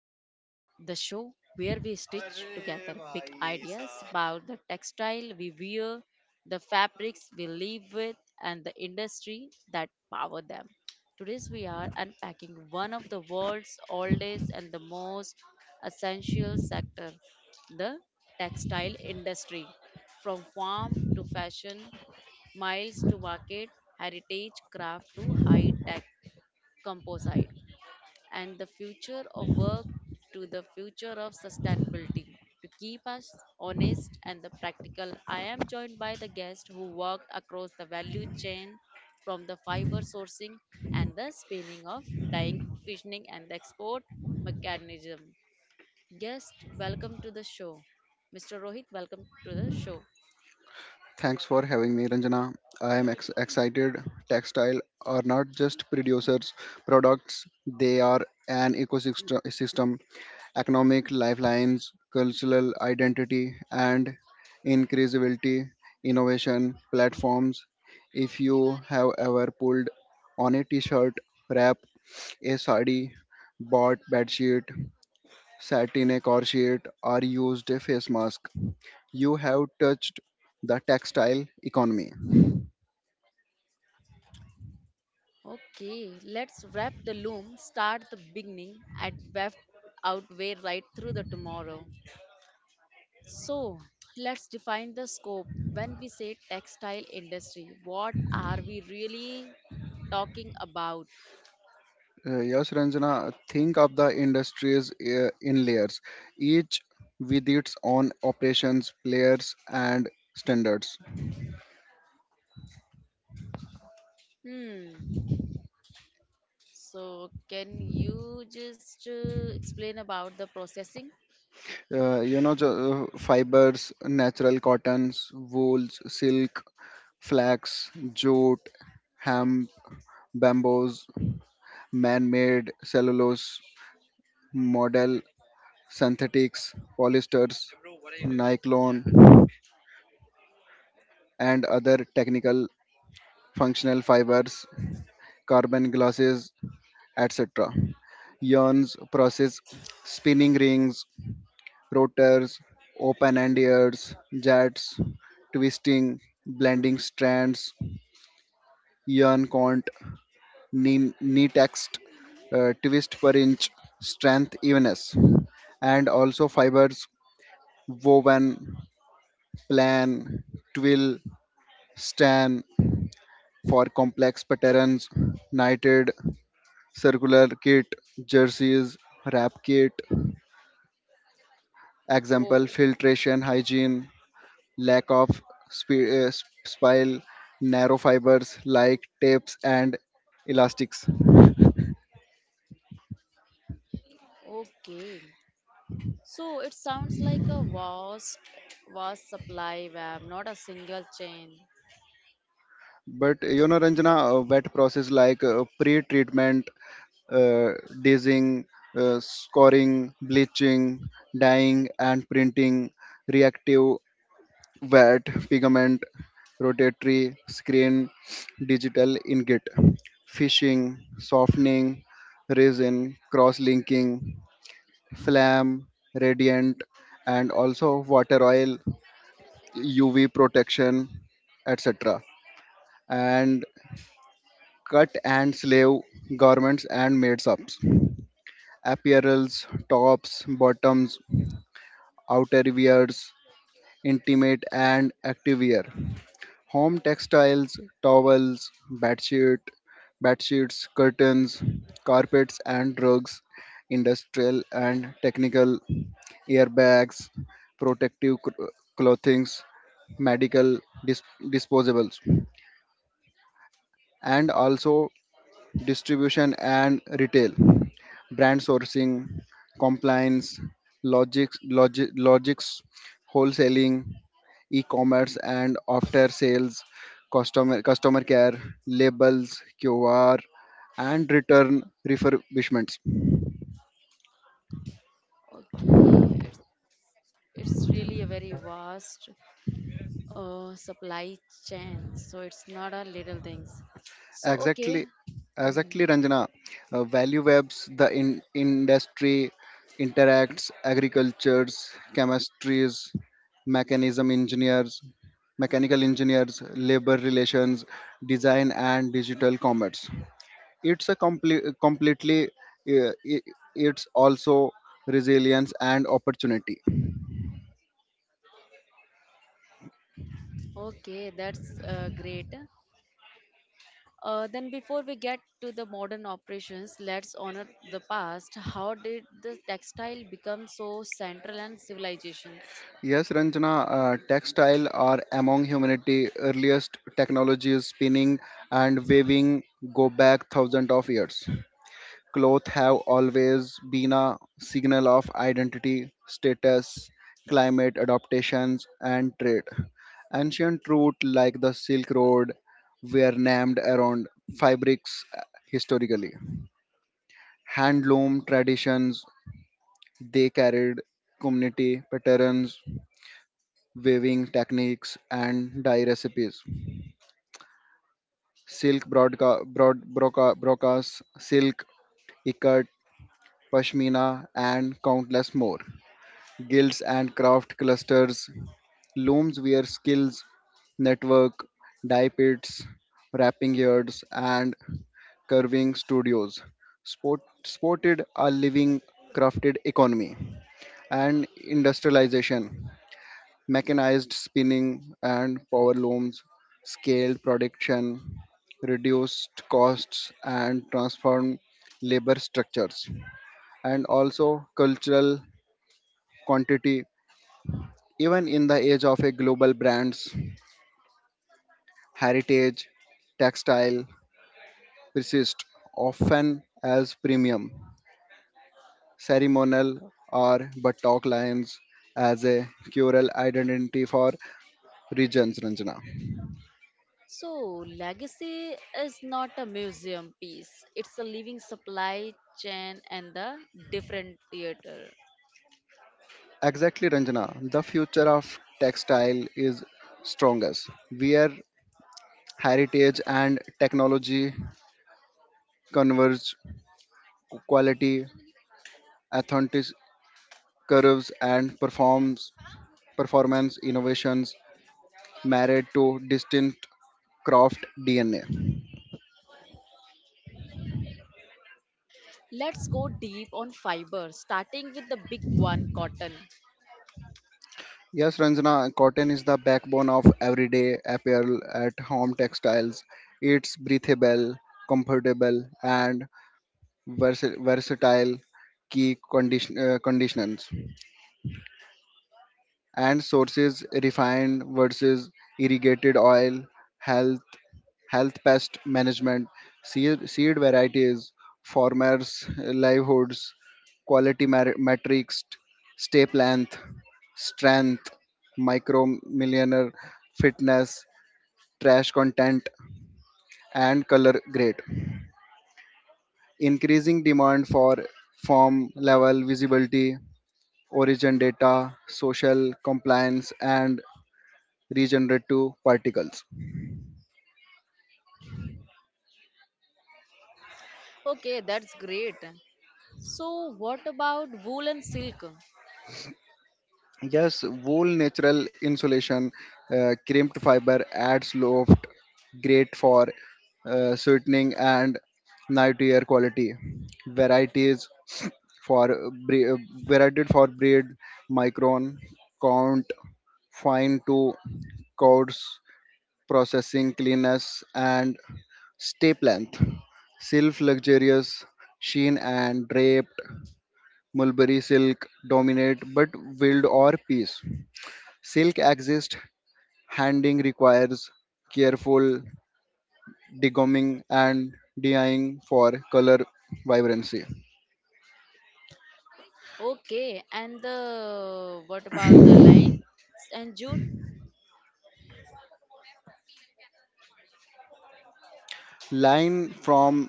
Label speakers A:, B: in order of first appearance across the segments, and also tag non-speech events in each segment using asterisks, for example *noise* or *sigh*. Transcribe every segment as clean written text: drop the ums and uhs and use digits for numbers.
A: and Waft, the show where we stitch together big ideas about the textile we wear, the fabrics we live with, and the industry that power them. Today we are unpacking one of the world's oldest and the most essential sector, the textile industry. From farm to fashion, miles to market, heritage craft to high-tech composite and the future of work to the future of sustainability. To keep us honest and the practical, I am joined by the guest who worked across the value chain from the fiber sourcing and the spinning of dyeing, fissioning and the export mechanism. Guest, welcome to the show. Mr. Rohit, welcome to the show.
B: Thanks for having me, Ranjana. I am excited. Textile are not just producers products; they are an ecosystem, economic lifelines, cultural identity, and increasability innovation platforms. If you have ever pulled on a t-shirt, wrap, a sari, bought bed sheet, sat in a car sheet, or used a face mask, you have touched the textile economy.
A: Okay, let's wrap the loom, start the beginning, and weft out way right through the tomorrow. So, let's define the scope. When we say textile industry, what are we really talking about?
B: Yes, Ranjana, think of the industries in layers, each with its own operations, players, and standards.
A: Hmm. So, can you just explain about the processing?
B: Uh, you know, jo- Fibers, natural cottons, wools, silk, flax, jute, hemp, bamboos, man made cellulose, model synthetics, polyesters, nylon, and other technical functional fibers, carbon glasses, etc. Yarns process spinning rings, rotors, open end ears, jets, twisting, blending strands, yarn count, knee text, twist per inch, strength evenness, and also fibers woven, plan, twill, stand for complex patterns, knitted, circular kit, jerseys, wrap kit, Example
A: Oh,
B: filtration, hygiene, lack of sp- uh, spile, narrow fibers like tapes and elastics.
A: okay. So it sounds like a vast supply web, not a single chain.
B: But you know, Ranjana, wet process like pre treatment, uh, dazing, scoring, bleaching, dyeing, and printing, reactive wet pigment, rotatory screen, digital ingot, fishing, softening, resin, cross linking, Flam, Radiant, and also water oil, UV protection, etc. And cut and slave garments and made ups, apparels, tops, bottoms, outer intimate and activewear, home textiles, towels, bedsheet, bedsheets, curtains, carpets and rugs, industrial and technical airbags, protective clothings, medical disposables, and also distribution and retail, brand sourcing, compliance, logics, wholesaling, e-commerce, and after sales, customer care, labels, QR, and return refurbishments.
A: Okay, it's it's really a very vast supply chain. So it's not a little things. So okay.
B: Exactly, exactly,
A: Mhm.
B: Ranjana. Value webs, the industry interacts, agricultures, chemistries, mechanism engineers, mechanical engineers, labor relations, design and digital commerce. It's a completely, uh, i- it's also resilience and opportunity.
A: Okay, that's great. Then before we get to the modern operations, let's honor the past. How did the textile become so central and civilizations?
B: Yes, Ranjana, textile are among humanity's earliest technologies. Spinning and weaving go back thousands of years. Clothes have always been a signal of identity, status, climate adaptations, and trade. Ancient routes like the Silk Road were named around fabrics historically. Handloom traditions they carried community patterns weaving techniques and dye recipes. Silk brocas, silk, ikat, pashmina, and countless more. Guilds and craft clusters, looms wear skills, network, dye pits, wrapping yards, and curving studios. Sported a living crafted economy and industrialization. Mechanized spinning and power looms, scaled production, reduced costs, and transformed labor structures, and also cultural quantity. Even in the age of a global brand's heritage, textile persist often as premium, ceremonial or buttock lines as a cultural identity for regions, Ranjana.
A: So legacy is not a museum piece. It's a living supply chain and the different theater.
B: Exactly, Ranjana. The future of textile is strongest. Where heritage and technology converge, quality, authentic curves, and performs performance innovations married to distinct craft DNA.
A: Let's go deep on fiber, starting with the big one, cotton.
B: Yes, Ranjana, cotton is the backbone of everyday apparel at home textiles. It's breathable, comfortable, and versatile conditions and sources refined versus irrigated oil, health, health pest management, seed varieties, farmers' livelihoods, quality metrics, step length, strength, micro millionaire fitness, trash content, and color grade. Increasing demand for form level visibility, origin data, social compliance, and regenerative particles.
A: Okay, that's great. So, what about wool and silk?
B: Yes, wool natural insulation, crimped fiber adds loft, great for sweetening and night air quality. Varieties for uh, bre- uh, varied for breed, micron, count, fine to codes, processing cleanness and step length. Silk luxurious, sheen and draped, mulberry silk dominate but wild or piece Silk exists, handing requires careful degumming and dyeing for color vibrancy.
A: Okay, and the what about the line and jute?
B: Line from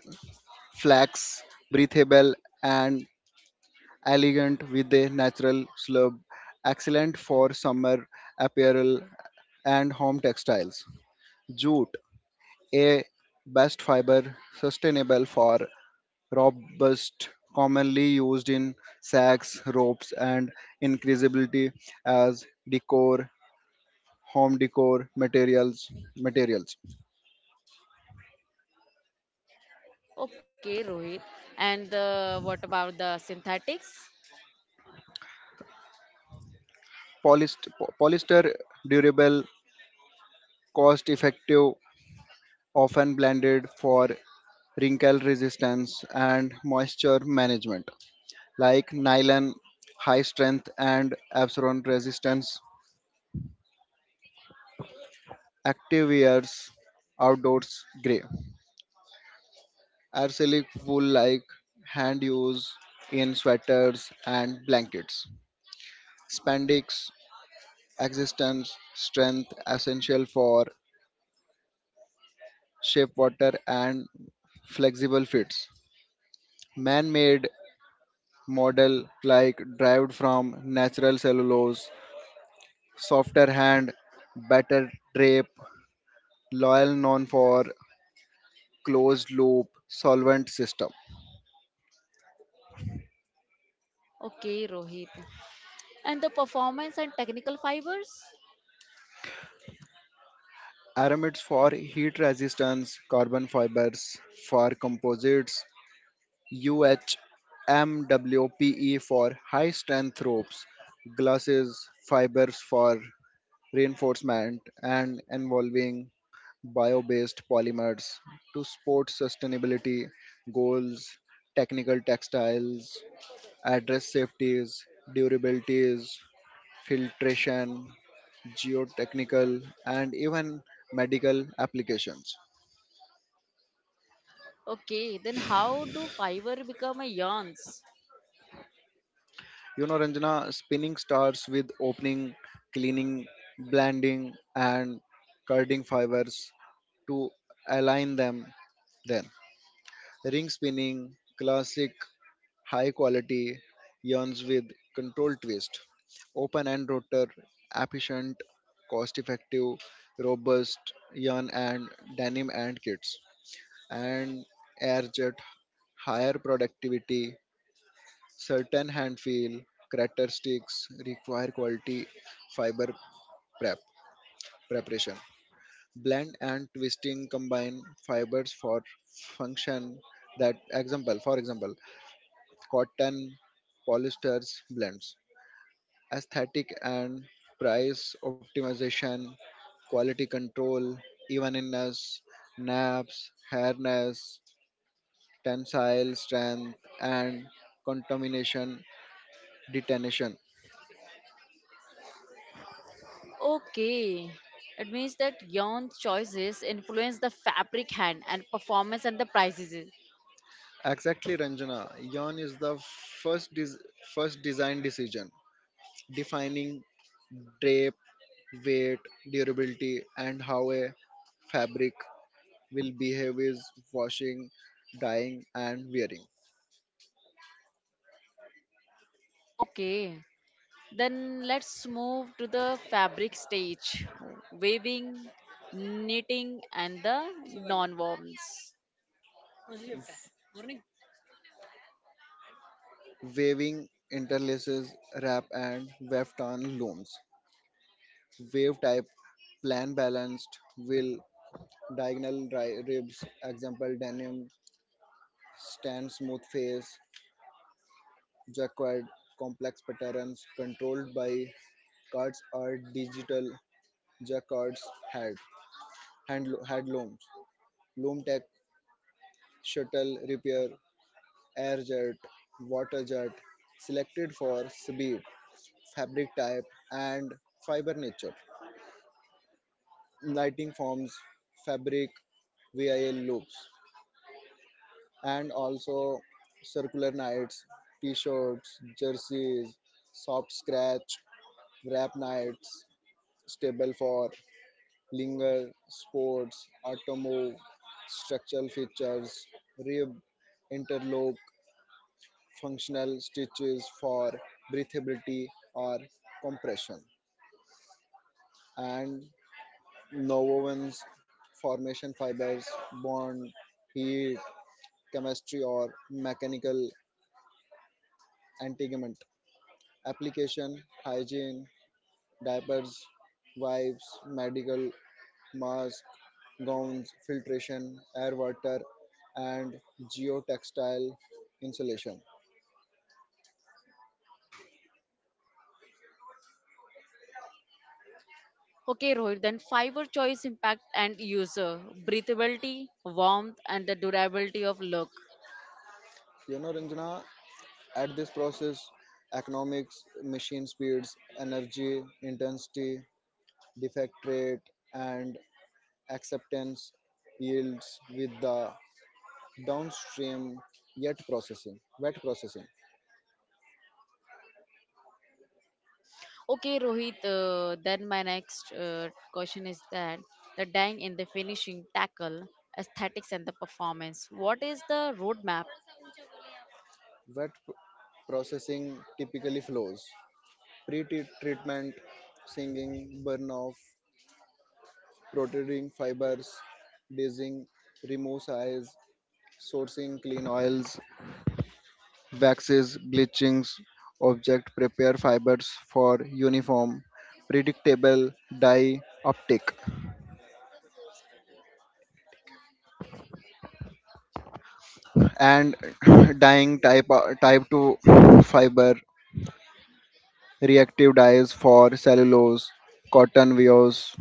B: flax, breathable and elegant with a natural slub, excellent for summer apparel and home textiles. Jute, a best fiber, sustainable for robust commonly used in sacks ropes and increasability as decor home decor materials materials.
A: Okay, Rohit. And the what about the synthetics?
B: Polyst- Polyester durable cost effective often blended for wrinkle resistance and moisture management like nylon high strength and absorbent resistance active wears outdoors gray Arsenic wool like hand use in sweaters and blankets. Spandex existence strength essential for shape water and flexible fits. Man-made model like derived from natural cellulose, softer hand, better drape, loyal known for closed loop solvent system.
A: Okay, Rohit. And the performance and technical fibers?
B: Aramids for heat resistance, carbon fibers for composites, UHMWPE for high strength ropes, glasses, fibers for reinforcement, and involving bio based polymers to support sustainability goals, technical textiles, address safeties, durabilities, filtration, geotechnical, and even medical applications.
A: Okay, then how do fiber become a yarns?
B: You know, Ranjana, spinning starts with opening, cleaning, blending, and cutting fibers to align them. Then, ring spinning, classic, high quality yarns with controlled twist, open end rotor, efficient, cost effective, robust yarn and denim and kits, and air jet, higher productivity, Certain hand feel crater require quality fiber prep preparation. Blend and twisting combine fibers for function that example for example cotton polyesters blends. Aesthetic and price optimization, quality control, evenness, naps, hairness, tensile strength and contamination detonation.
A: Okay. It means that yarn choices influence the fabric hand and performance and the prices.
B: Exactly, Ranjana. Yarn is the first des- first design decision, defining drape, weight, durability, and how a fabric will behave is washing, dyeing, and wearing.
A: Okay. Then let's move to the fabric stage weaving, knitting, and the non worms.
B: Waving interlaces, wrap, and weft on looms. Wave type, plan balanced, will diagonal ribs, example denim, stand smooth face, jacquard, complex patterns controlled by Cards are digital. The cards had hand, had looms, loom tech, shuttle repair, air jet, water jet, selected for speed, fabric type, and fiber nature. Lighting forms, fabric, VIL loops, and also circular nights, t-shirts, jerseys, soft scratch, wrap nights, stable for Linger, Sports, Atomo, Structural Features, Rib, Interlock, Functional Stitches for breathability or compression, and Novovens, Formation Fibers, Bond, Heat, Chemistry or Mechanical Integument, Application, Hygiene, Diapers, Wipes, Medical masks, gowns, filtration, air water, and geotextile insulation.
A: Okay, Rohit, then fiber choice impact and user breathability, warmth, and the durability of look.
B: You know, Ranjana, at this process, economics, machine speeds, energy, intensity, defect rate, and acceptance yields with the downstream wet processing.
A: Okay, Rohit, then my next question is that the dang in the finishing tackle, aesthetics, and the performance. What is the roadmap?
B: Wet processing typically flows. Pre treatment, singing, burn off, protruding fibers, dazing, removes eyes, sourcing clean oils, waxes, bleachings, object prepare fibers for uniform, predictable dye uptake, and *clears throat* dyeing type, type 2 fiber, reactive dyes for cellulose, cotton weaves,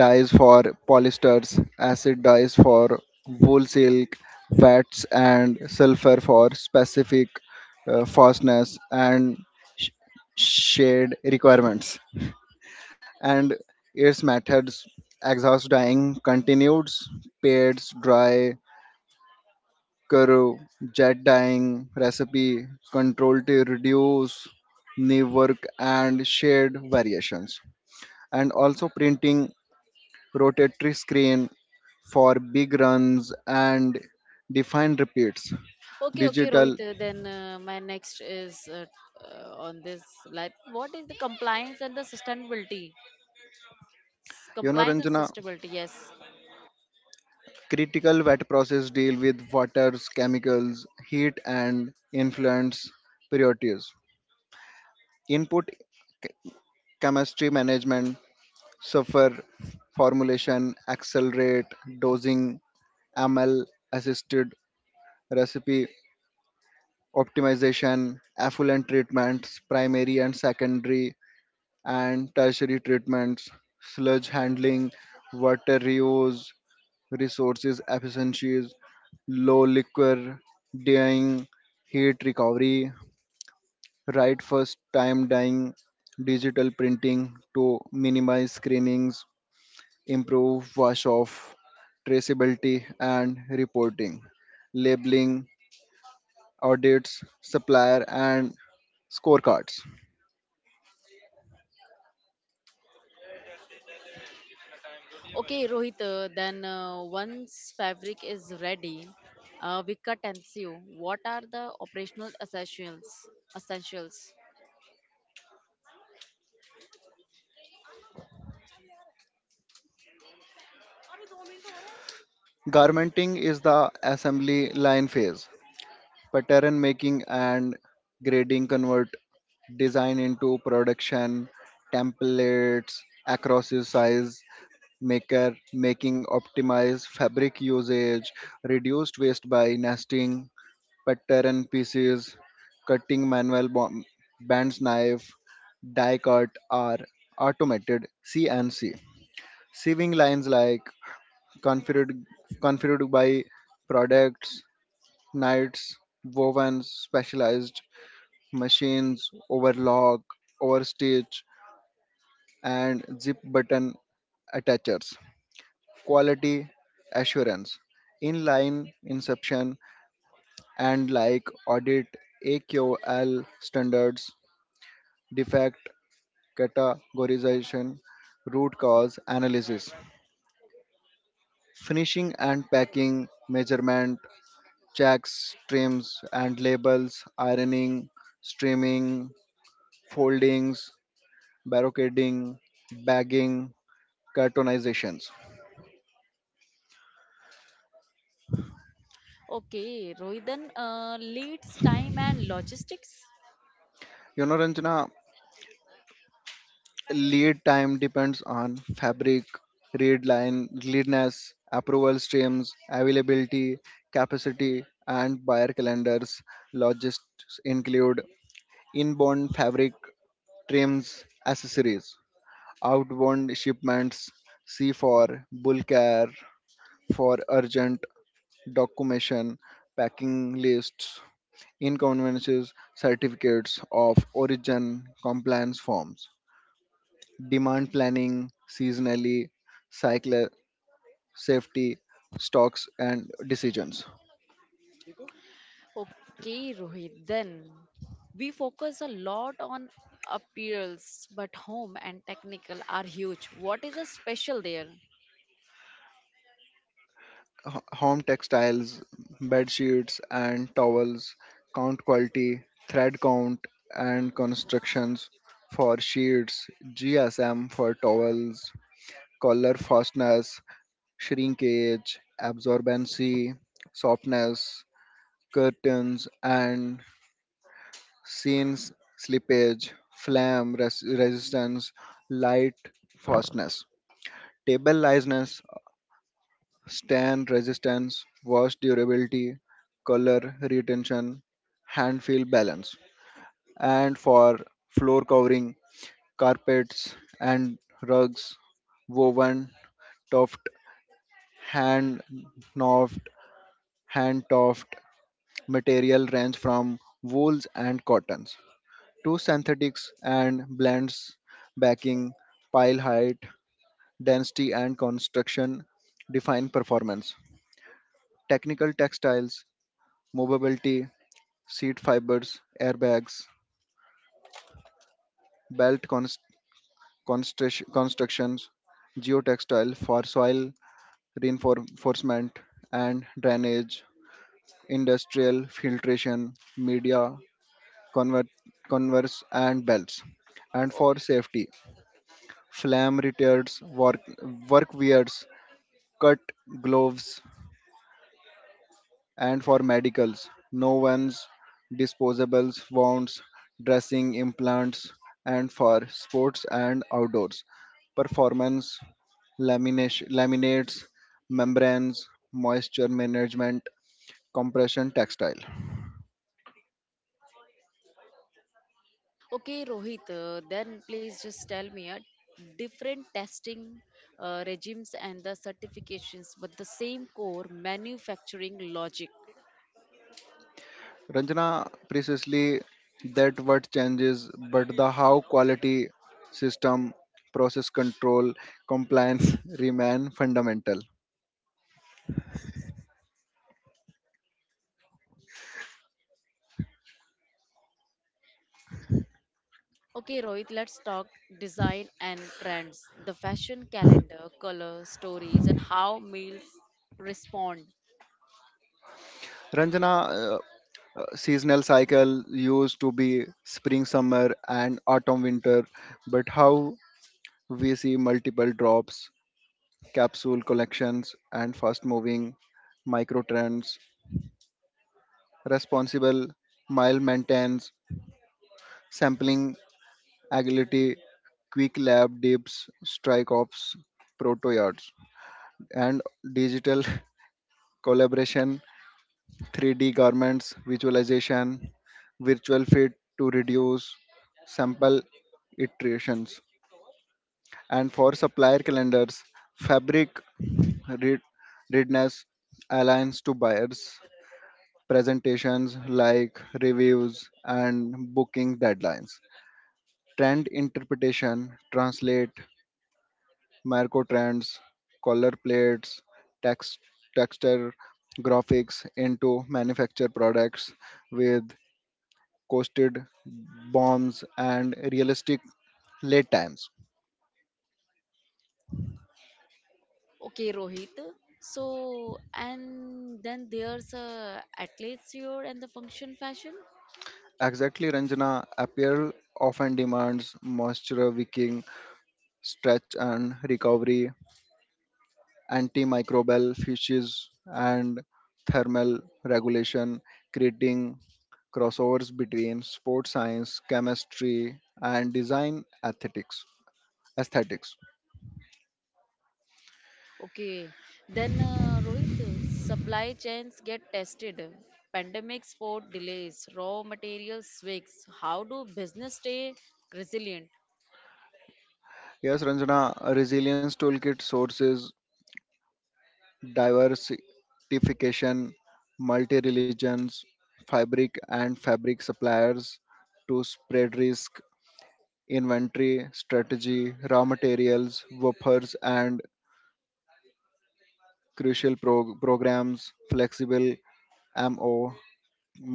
B: dyes for polyesters, acid dyes for wool silk, fats and sulfur for specific fastness and sh- shade requirements. And its methods exhaust dyeing continues, pads, dry, curve, jet dyeing recipe, control to reduce knee work and shade variations and also printing rotatory screen for big runs and defined repeats.
A: Okay, okay,
B: Digital,
A: Rohit. Then my next is on this. Like, what is the compliance and the sustainability?
B: you know,
A: Compliance and
B: Ranjana,
A: sustainability. Yes.
B: critical wet process deal with waters, chemicals, heat, and influence priorities. Input chemistry management, sulfur formulation, accelerate, dosing, ML assisted recipe optimization, affluent treatments, primary and secondary and tertiary treatments, sludge handling, water reuse, resources efficiencies, low liquor dyeing, heat recovery, right first time dyeing, digital printing to minimize screenings, improve wash off, traceability and reporting, labeling, audits, supplier and scorecards.
A: Okay, Rohit. Then once fabric is ready, we cut and sew. What are the operational essentials? Essentials.
B: Garmenting is the assembly line phase pattern making and grading convert design into production templates across your size maker making optimize fabric usage reduced waste by nesting pattern pieces cutting manual bands knife die cut are automated CNC sieving lines like configured configured by products nights wovens specialized machines, overlock, overstitch, and zip button attachers. Quality assurance, inline inspection, and like audit AQL standards, defect categorization, root cause analysis, finishing and packing, measurement, checks, trims, and labels, ironing, streaming, foldings, barricading, bagging, cartoonizations.
A: Okay, Rohit. Then leads time and logistics.
B: You know, Ranjana, lead time depends on fabric, read line, leadness, approval streams, availability, capacity, and buyer calendars. Logistics include inbound fabric, trims, accessories, outbound shipments, C for bulk air, for urgent documentation, packing lists, inconveniences, certificates of origin, compliance forms, demand planning, seasonally, cycle safety, stocks and decisions.
A: Okay, Rohit, then we focus a lot on appeals, but home and technical are huge. What is the special there?
B: Home textiles, bed sheets and towels, count quality, thread count and constructions for sheets, GSM for towels, collar fastness, shrinkage, absorbency, softness, curtains and scenes, slippage, flame resistance, light fastness, table liveness, stand resistance, wash durability, color retention, hand feel balance. And for floor covering, carpets and rugs, woven, tuft, hand knotted, hand toft material range from wools and cottons two synthetics and blends backing pile height density and construction define performance technical textiles movability seat fibers airbags belt constructions geotextile for soil reinforcement and drainage industrial filtration media convert converse and belts and
A: O-
B: for safety Flame-retards, workwears, cut gloves, and for medicals, no one's disposables, wounds, dressing implants, and for sports and outdoors, performance lamination, laminates, membranes, moisture management, compression textile.
A: Okay, Rohit, then please just tell me different testing regimes and the certifications, but the same core manufacturing logic.
B: Ranjana, precisely that what changes, but the how quality system, process control, compliance *laughs* remain fundamental.
A: Okay, Rohit, let's talk design and trends, the fashion calendar, color, stories, and how meals respond.
B: Ranjana, seasonal cycle used to be spring, summer, and autumn, winter, but how we see multiple drops, capsule collections, and fast moving micro trends, responsible, mild maintenance, sampling agility, quick lab dips, strike offs, proto yards, and digital *laughs* collaboration, 3D garments, visualization, virtual fit to reduce sample iterations. And for supplier calendars, fabric read- readiness aligns to buyers, presentations like reviews and booking deadlines. Trend interpretation, translate Marco trends, color plates, text, texture graphics into manufactured products with coasted bombs and realistic lead times.
A: Okay, Rohit. So, and then there's athleisure and the function fashion.
B: Exactly, Ranjana, apparel often demands moisture wicking, stretch and recovery, antimicrobial fishes, and thermal regulation, creating crossovers between sports science, chemistry, and design ethics. Aesthetics.
A: Okay, then Rohit, supply chains get tested. Pandemic sport delays, raw material swigs. How do business stay resilient
B: Yes, Ranjana, Resilience Toolkit sources, diversification, multi religions, fabric suppliers to spread risk, inventory, strategy, raw materials, woofers, and crucial programs, flexible MO,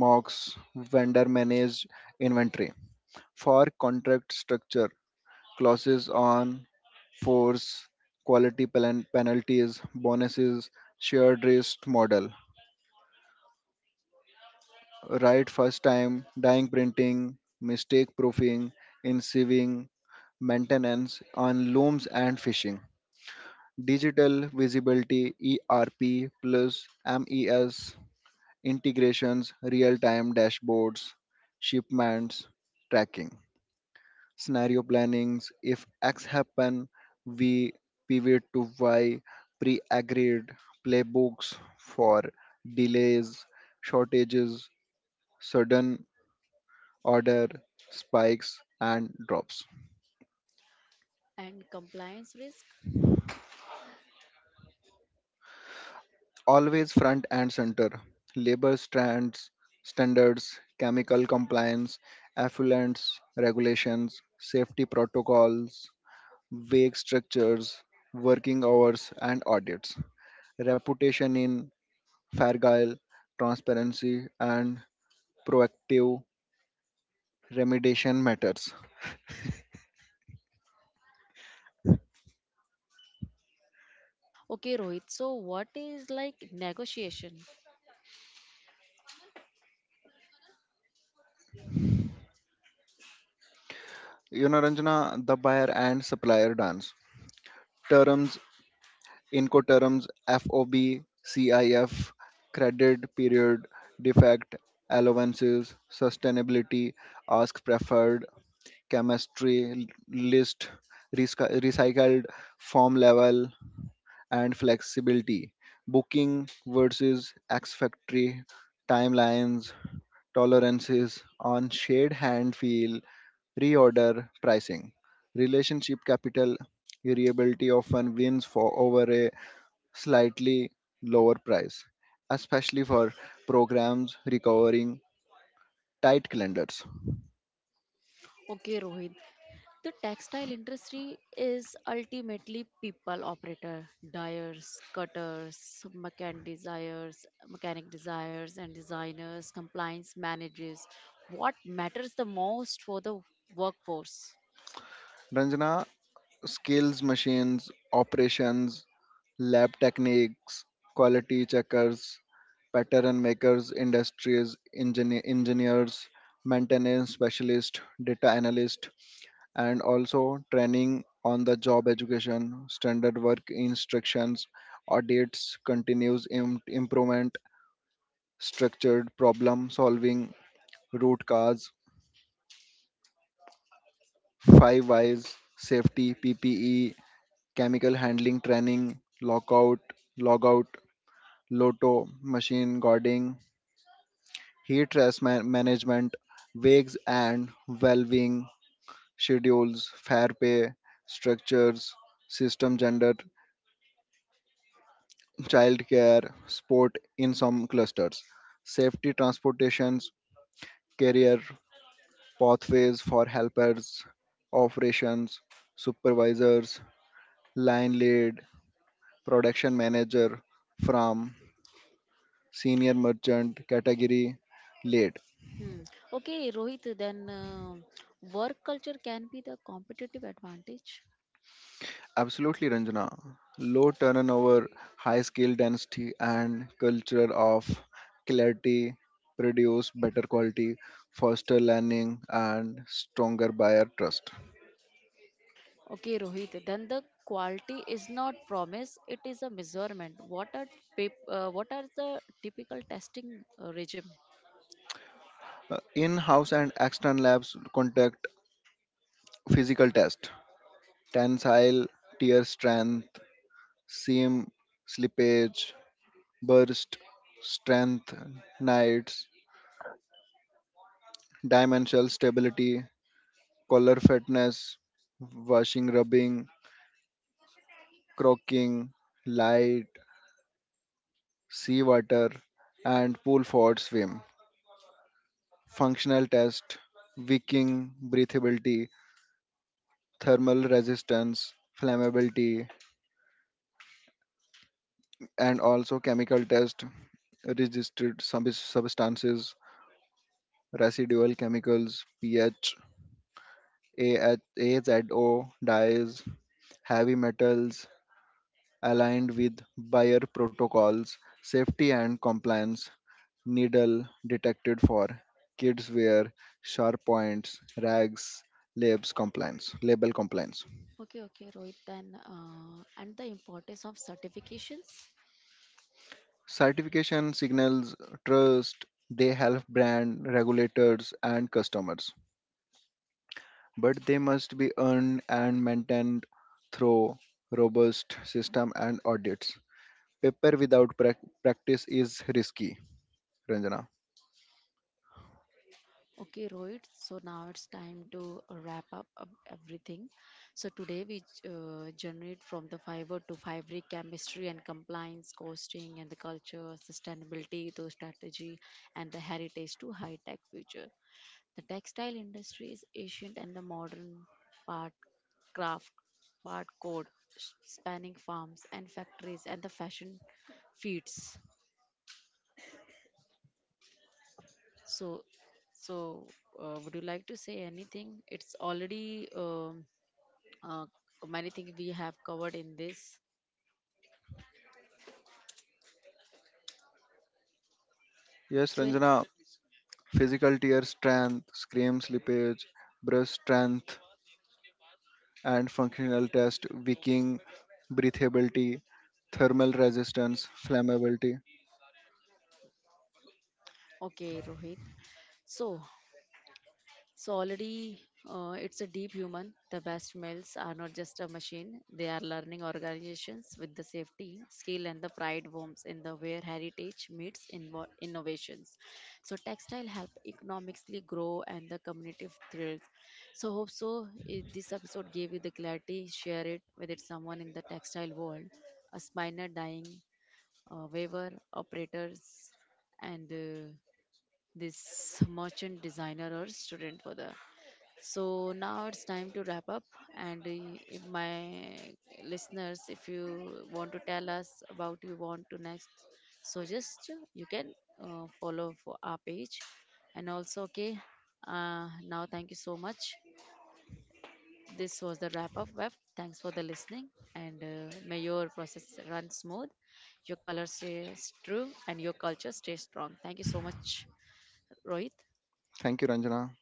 B: mocks, vendor managed inventory. For contract structure, clauses on force, quality penalties, bonuses, shared risk model, right first time, dying printing, mistake proofing, enseving, maintenance on looms and fishing. Digital visibility ERP plus MES integrations, real time dashboards, shipments, tracking, scenario plannings. If X happen, we pivot to Y, pre-agreed playbooks for delays, shortages, sudden order spikes, and drops.
A: and compliance risk?
B: Always front and center. Labor strands, standards, chemical compliance, effluents, regulations, safety protocols, vague structures, working hours, and audits. Reputation in Fargile, transparency, and proactive remediation matters.
A: Okay, Rohit. So, what is like negotiation?
B: You know, Ranjana, the buyer and supplier dance. Terms, Incoterms, FOB, CIF, credit period, defect, allowances, sustainability, ask preferred, chemistry, list, recycled, form level, and flexibility, booking versus X factory, timelines, tolerances on shared hand feel, reorder pricing. Relationship capital variability often wins for over a slightly lower price, especially for programs requiring tight calendars.
A: Okay, Rohit. The textile industry is ultimately people operator, dyers, cutters, mechanic desires and designers, compliance managers. What matters the most for the workforce?
B: Ranjana, skills machines, operations, lab techniques, quality checkers, pattern makers, industries, engineers, maintenance specialist, data analyst, and also training on the job education, standard work instructions, audits, continuous improvement, structured problem solving, root cause, 5 whys, safety, PPE, chemical handling training, lockout, logout, lotto, machine guarding, heat stress management, wakes and valving, schedules, fair pay, structures, system gender, childcare, sport in some clusters, safety transportations, career pathways for helpers, operations, supervisors, line lead, production manager, from senior merchant category late.
A: Hmm. Okay, Rohit, then work culture can be the competitive advantage.
B: Absolutely, Ranjana. Low turnover, high skill density, and culture of clarity produce better quality, foster learning, and stronger buyer trust.
A: Okay, Rohit, then the quality is not promise, it is a measurement. What are, what are the typical testing regime?
B: In-house and external labs conduct physical test, tensile, tear strength, seam slippage, burst strength, nights, dimensional stability, collar fatness, washing, rubbing, croaking, light, seawater, and pull forward swim. Functional test, wicking, breathability, thermal resistance, flammability, and also chemical test, registered substances, residual chemicals, pH, AH, AZO, dyes, heavy metals, aligned with buyer protocols, safety and compliance, needle detected for kids wear, sharp points, rags, label compliance.
A: Okay, okay, Rohit. Then, and the importance of certifications.
B: Certification signals trust, they help brand regulators and customers, but they must be earned and maintained through robust system and audits. Paper without practice is risky, Ranjana.
A: Okay, Rohit. So now it's time to wrap up of everything. So today we generate from the fiber to fabric chemistry and compliance, costing and the culture, sustainability to strategy, and the heritage to high tech future. The textile industry is ancient and the modern part craft, part code, spanning farms and factories and the fashion feeds. So, so, would you like to say anything? It's already uh, many things we have covered in this.
B: Yes,
A: So, in-
B: Ranjana, Physical tear strength, scream slippage, brush strength, and functional test, wicking, breathability, thermal resistance, flammability.
A: okay, Rohit. So, so already it's a deep human. The best males are not just a machine. They are learning organizations with the safety, skill and the pride worms in the where heritage meets innovations. So textile help economically grow and the community thrills. So hope so eh, this episode gave you the clarity. Share it with it someone in the textile world, a spinner dying, weaver, operators and this merchant designer or student for the so now it's time to wrap up. And if my listeners, if you want to tell us about you want to next, so just you can follow for our page. And also, okay, now thank you so much. This was the wrap up web. Thanks for the listening. And may your process run smooth, your color stays true, and your culture stays strong. Thank you so much, Rohit.
B: Thank you, Ranjana.